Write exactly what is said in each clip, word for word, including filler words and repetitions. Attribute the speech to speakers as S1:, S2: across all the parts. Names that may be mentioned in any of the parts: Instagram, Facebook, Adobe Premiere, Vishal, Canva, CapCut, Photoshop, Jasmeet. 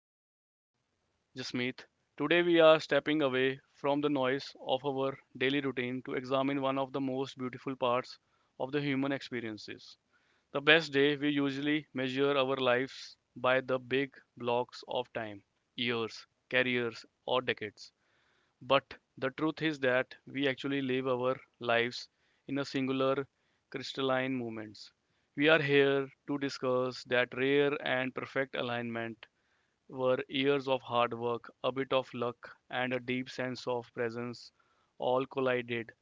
S1: and host, Jasmeet. Today we are stepping away from the noise of our daily routine to examine one of the most beautiful parts of the human experiences. The best day we usually measure our lives by the big blocks of time, years, careers, or decades. But the truth is that we actually live our lives in a singular crystalline moments. We are here to discuss that rare and perfect alignment where years of hard work, a bit of luck, and a deep sense of presence all collided.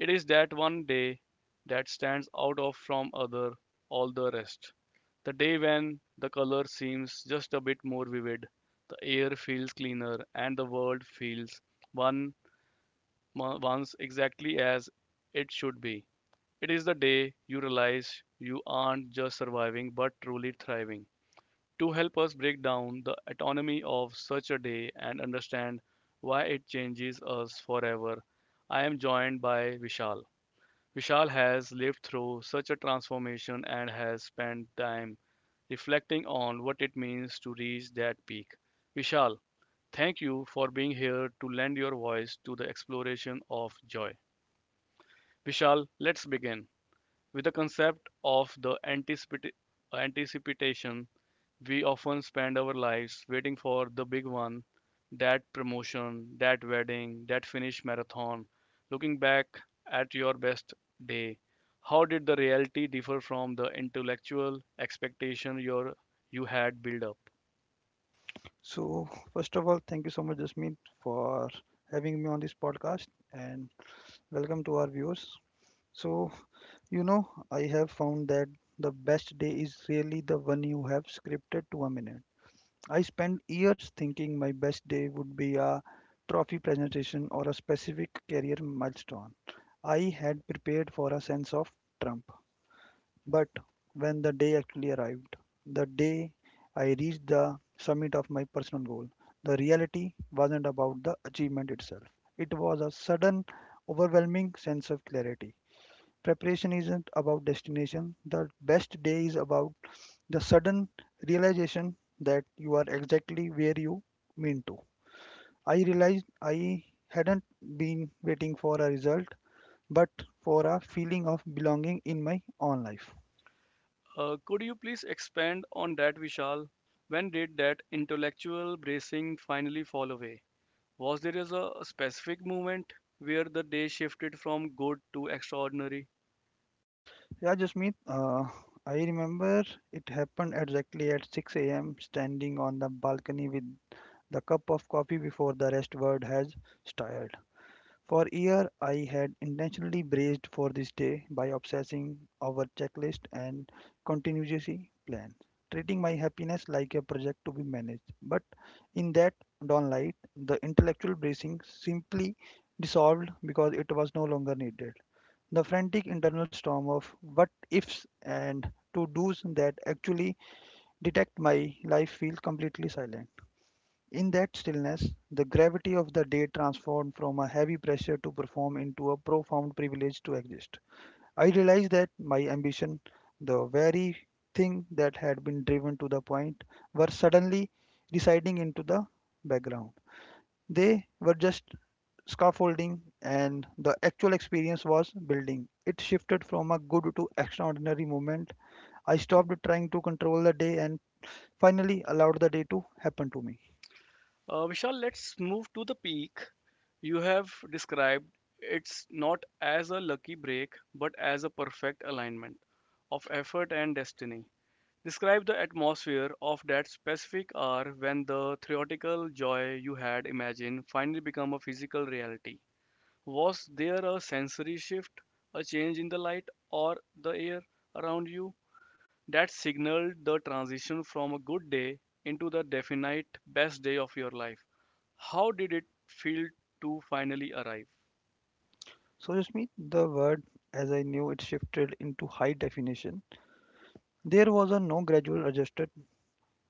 S1: It is that one day that stands out of from other all the rest. The day when the color seems just a bit more vivid, the air feels cleaner, and the world feels one once exactly as it should be. It is the day you realize you aren't just surviving but truly thriving. To help us break down the autonomy of such a day and understand why it changes us forever, I am joined by Vishal. Vishal has lived through such a transformation and has spent time reflecting on what it means to reach that peak. Vishal, thank you for being here to lend your voice to the exploration of joy. Vishal, let's begin with the concept of the anticipati- anticipation. We often spend our lives waiting for the big one, that promotion, that wedding, that finish marathon. Looking back at your best day, how did the reality differ from the intellectual expectation your you had built up?
S2: So, first of all, thank you so much, Jasmeet, for having me on this podcast, and welcome to our viewers. So, you know, I have found that the best day is really the one you have scripted to a minute. I spent years thinking my best day would be a trophy presentation or a specific career milestone. I had prepared for a sense of Trump. But when the day actually arrived, the day I reached the summit of my personal goal, the reality wasn't about the achievement itself. It was a sudden, overwhelming sense of clarity. Preparation isn't about destination, the best day is about the sudden realization that you are exactly where you mean to. I realized I hadn't been waiting for a result, but for a feeling of belonging in my own life.
S1: Uh, could you please expand on that, Vishal? When did that intellectual bracing finally fall away? Was there is a specific moment where the day shifted from good to extraordinary?
S2: Yeah, Jasmeet, uh, I remember it happened exactly at six a m, standing on the balcony with the cup of coffee before the rest world has started. For a year, I had intentionally braced for this day by obsessing over checklist and contingency plans, treating my happiness like a project to be managed. But in that dawn light, the intellectual bracing simply dissolved because it was no longer needed the frantic internal storm of what ifs and to do's that actually detect my life feel completely silent. In that stillness, the gravity of the day transformed from a heavy pressure to perform into a profound privilege to exist. I realized that my ambition, the very thing that had been driven to the point, were suddenly receding into the background. They were just scaffolding, and the actual experience was building. It shifted from a good to extraordinary moment. I stopped trying to control the day and finally allowed the day to happen to me.
S1: Uh, Vishal, let's move to the peak. You have described it's not as a lucky break, but as a perfect alignment of effort and destiny. Describe the atmosphere of that specific hour when the theoretical joy you had imagined finally become a physical reality. Was there a sensory shift, a change in the light or the air around you that signaled the transition from a good day into the definite best day of your life? How did it feel to finally arrive?
S2: So, just me, the word as I knew it shifted into high definition. There was a no gradual adjusted.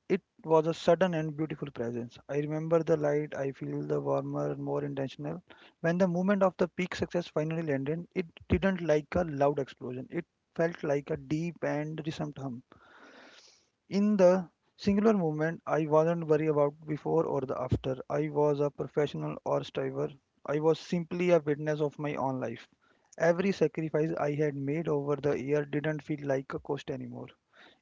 S2: It was a sudden and beautiful presence. I remember the light, I feel the warmer and more intentional. When the moment of the peak success finally landed, it didn't like a loud explosion. It felt like a deep and distant hum. In the singular moment, I wasn't worried about before or the after. I was a professional or striver. I was simply a witness of my own life. Every sacrifice I had made over the year didn't feel like a cost anymore.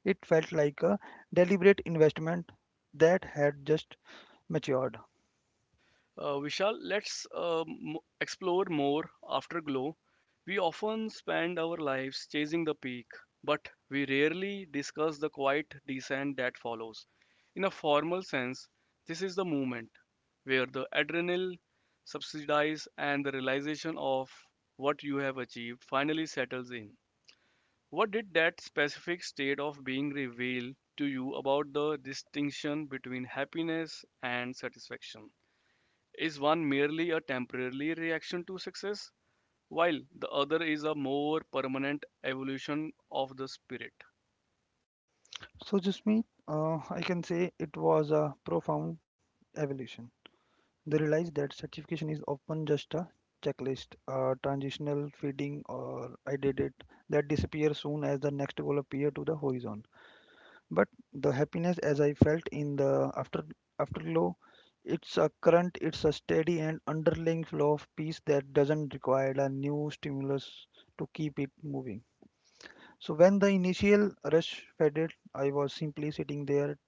S2: It felt like a deliberate investment that had just matured.
S1: Uh, Vishal, let's um, explore more afterglow. We often spend our lives chasing the peak, but we rarely discuss the quiet descent that follows. In a formal sense, this is the moment where the adrenaline subsidies and the realization of what you have achieved finally settles in. What did that specific state of being reveal to you about the distinction between happiness and satisfaction? Is one merely a temporary reaction to success, while the other is a more permanent evolution of the spirit?
S2: So, Jasmeet, uh, I can say it was a profound evolution. They realized that certification is often just a checklist, a transitional feeding, or I did it that disappears soon as the next goal appears to the horizon. But the happiness as I felt in the after afterglow, it's a current, it's a steady and underlying flow of peace that doesn't require a new stimulus to keep it moving. So when the initial rush faded, I was simply sitting there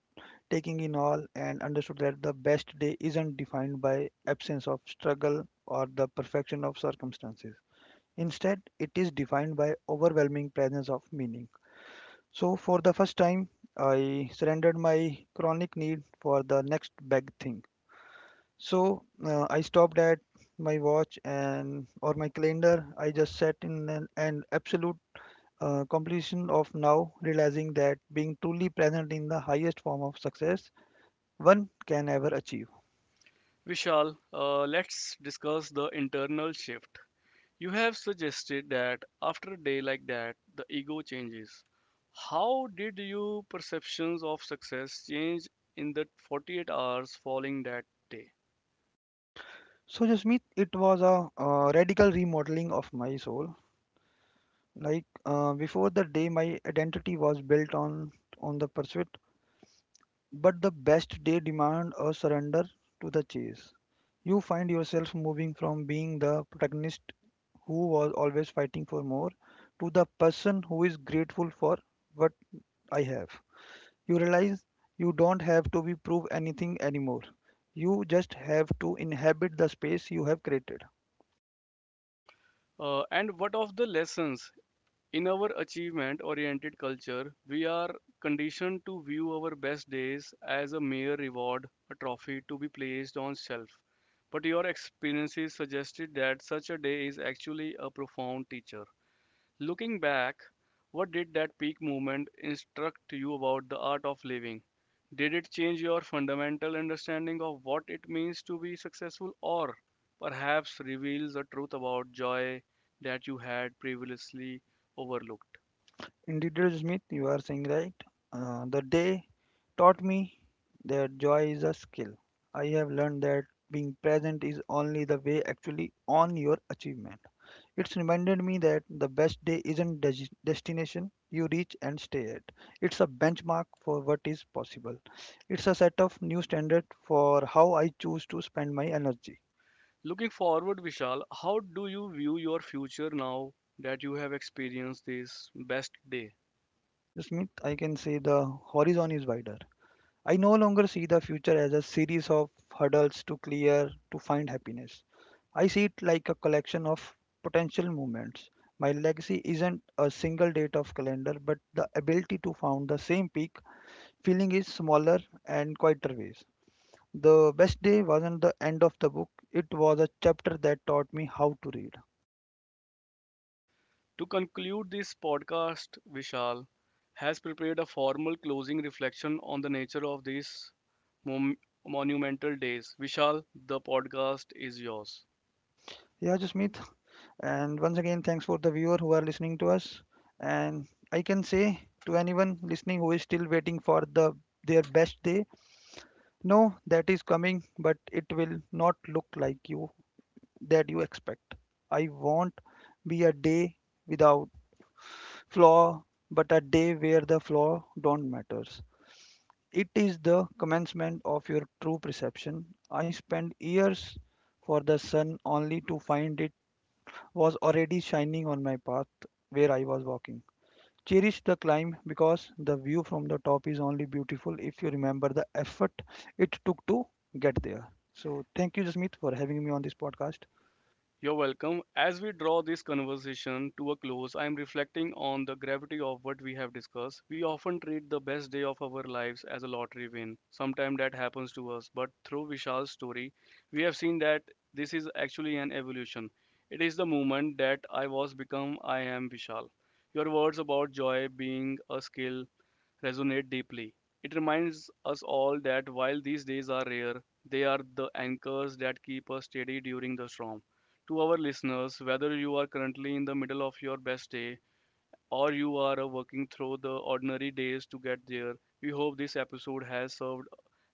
S2: taking in all and understood that the best day isn't defined by absence of struggle or the perfection of circumstances. Instead, it is defined by overwhelming presence of meaning. So, for the first time, I surrendered my chronic need for the next big thing. So, uh, I stopped at my watch and or my calendar. I just sat in an, an absolute uh, completion of now, realizing that being truly present in the highest form of success one can ever achieve.
S1: Vishal, uh, let's discuss the internal shift. You have suggested that after a day like that, the ego changes. How did your perceptions of success change in the forty-eight hours following that day?
S2: So, Jasmeet, it was a uh, radical remodeling of my soul. Like uh, before the day, my identity was built on on the pursuit. But the best day demand a surrender to the chase. You find yourself moving from being the protagonist who was always fighting for more to the person who is grateful for what I have. You realize you don't have to be prove anything anymore. You just have to inhabit the space you have created.
S1: Uh, and what of the lessons? In our achievement oriented culture, we are conditioned to view our best days as a mere reward, a trophy to be placed on shelf. But your experiences suggested that such a day is actually a profound teacher. Looking back, what did that peak movement instruct you about the art of living? Did it change your fundamental understanding of what it means to be successful, or perhaps reveals a truth about joy that you had previously overlooked?
S2: Indeed, Smith, you are saying right. Uh, the day taught me that joy is a skill. I have learned that being present is only the way actually on your achievement. It's reminded me that the best day isn't des- destination you reach and stay at. It's a benchmark for what is possible. It's a set of new standard for how I choose to spend my energy.
S1: Looking forward, Vishal, how do you view your future now that you have experienced these best days?
S2: Smith, I can say the horizon is wider. I no longer see the future as a series of hurdles to clear to find happiness. I see it like a collection of potential moments. My legacy isn't a single date of calendar, but the ability to found the same peak feeling is smaller and quieter ways. The best day wasn't the end of the book, it was a chapter that taught me how to read.
S1: To conclude this podcast, Vishal has prepared a formal closing reflection on the nature of these mom- monumental days. Vishal, the podcast is yours.
S2: Yeah, Jasmeet. And once again, thanks for the viewer who are listening to us. And I can say to anyone listening who is still waiting for the their best day, no, that is coming, but it will not look like you that you expect. I won't be a day without flaw, but a day where the flaw don't matters. It is the commencement of your true perception. I spent years for the sun only to find it was already shining on my path where I was walking. Cherish the climb because the view from the top is only beautiful if you remember the effort it took to get there. So, thank you, Jasmeet, for having me on this podcast.
S1: You're welcome. As we draw this conversation to a close, I am reflecting on the gravity of what we have discussed. We often treat the best day of our lives as a lottery win. Sometimes that happens to us, but through Vishal's story, we have seen that this is actually an evolution. It is the moment that I was become I am Vishal. Your words about joy being a skill resonate deeply. It reminds us all that while these days are rare, they are the anchors that keep us steady during the storm. To our listeners, whether you are currently in the middle of your best day or you are uh, working through the ordinary days to get there, we hope this episode has served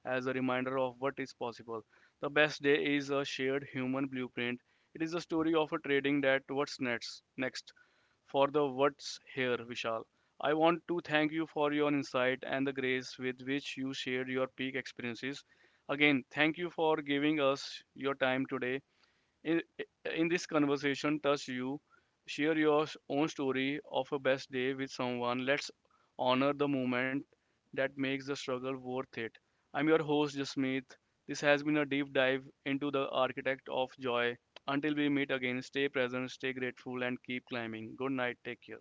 S1: as a reminder of what is possible. The best day is a shared human blueprint. It is a story of a trading that what's next, next for the what's here. Vishal, I want to thank you for your insight and the grace with which you shared your peak experiences. Again, thank you for giving us your time today in, in this conversation touch you, share your own story of a best day with someone. Let's honor the moment that makes the struggle worth it. I'm your host, Jasmeet. This has been a deep dive into the architect of joy. Until we meet again, stay present, stay grateful, and keep climbing. Good night. Take care.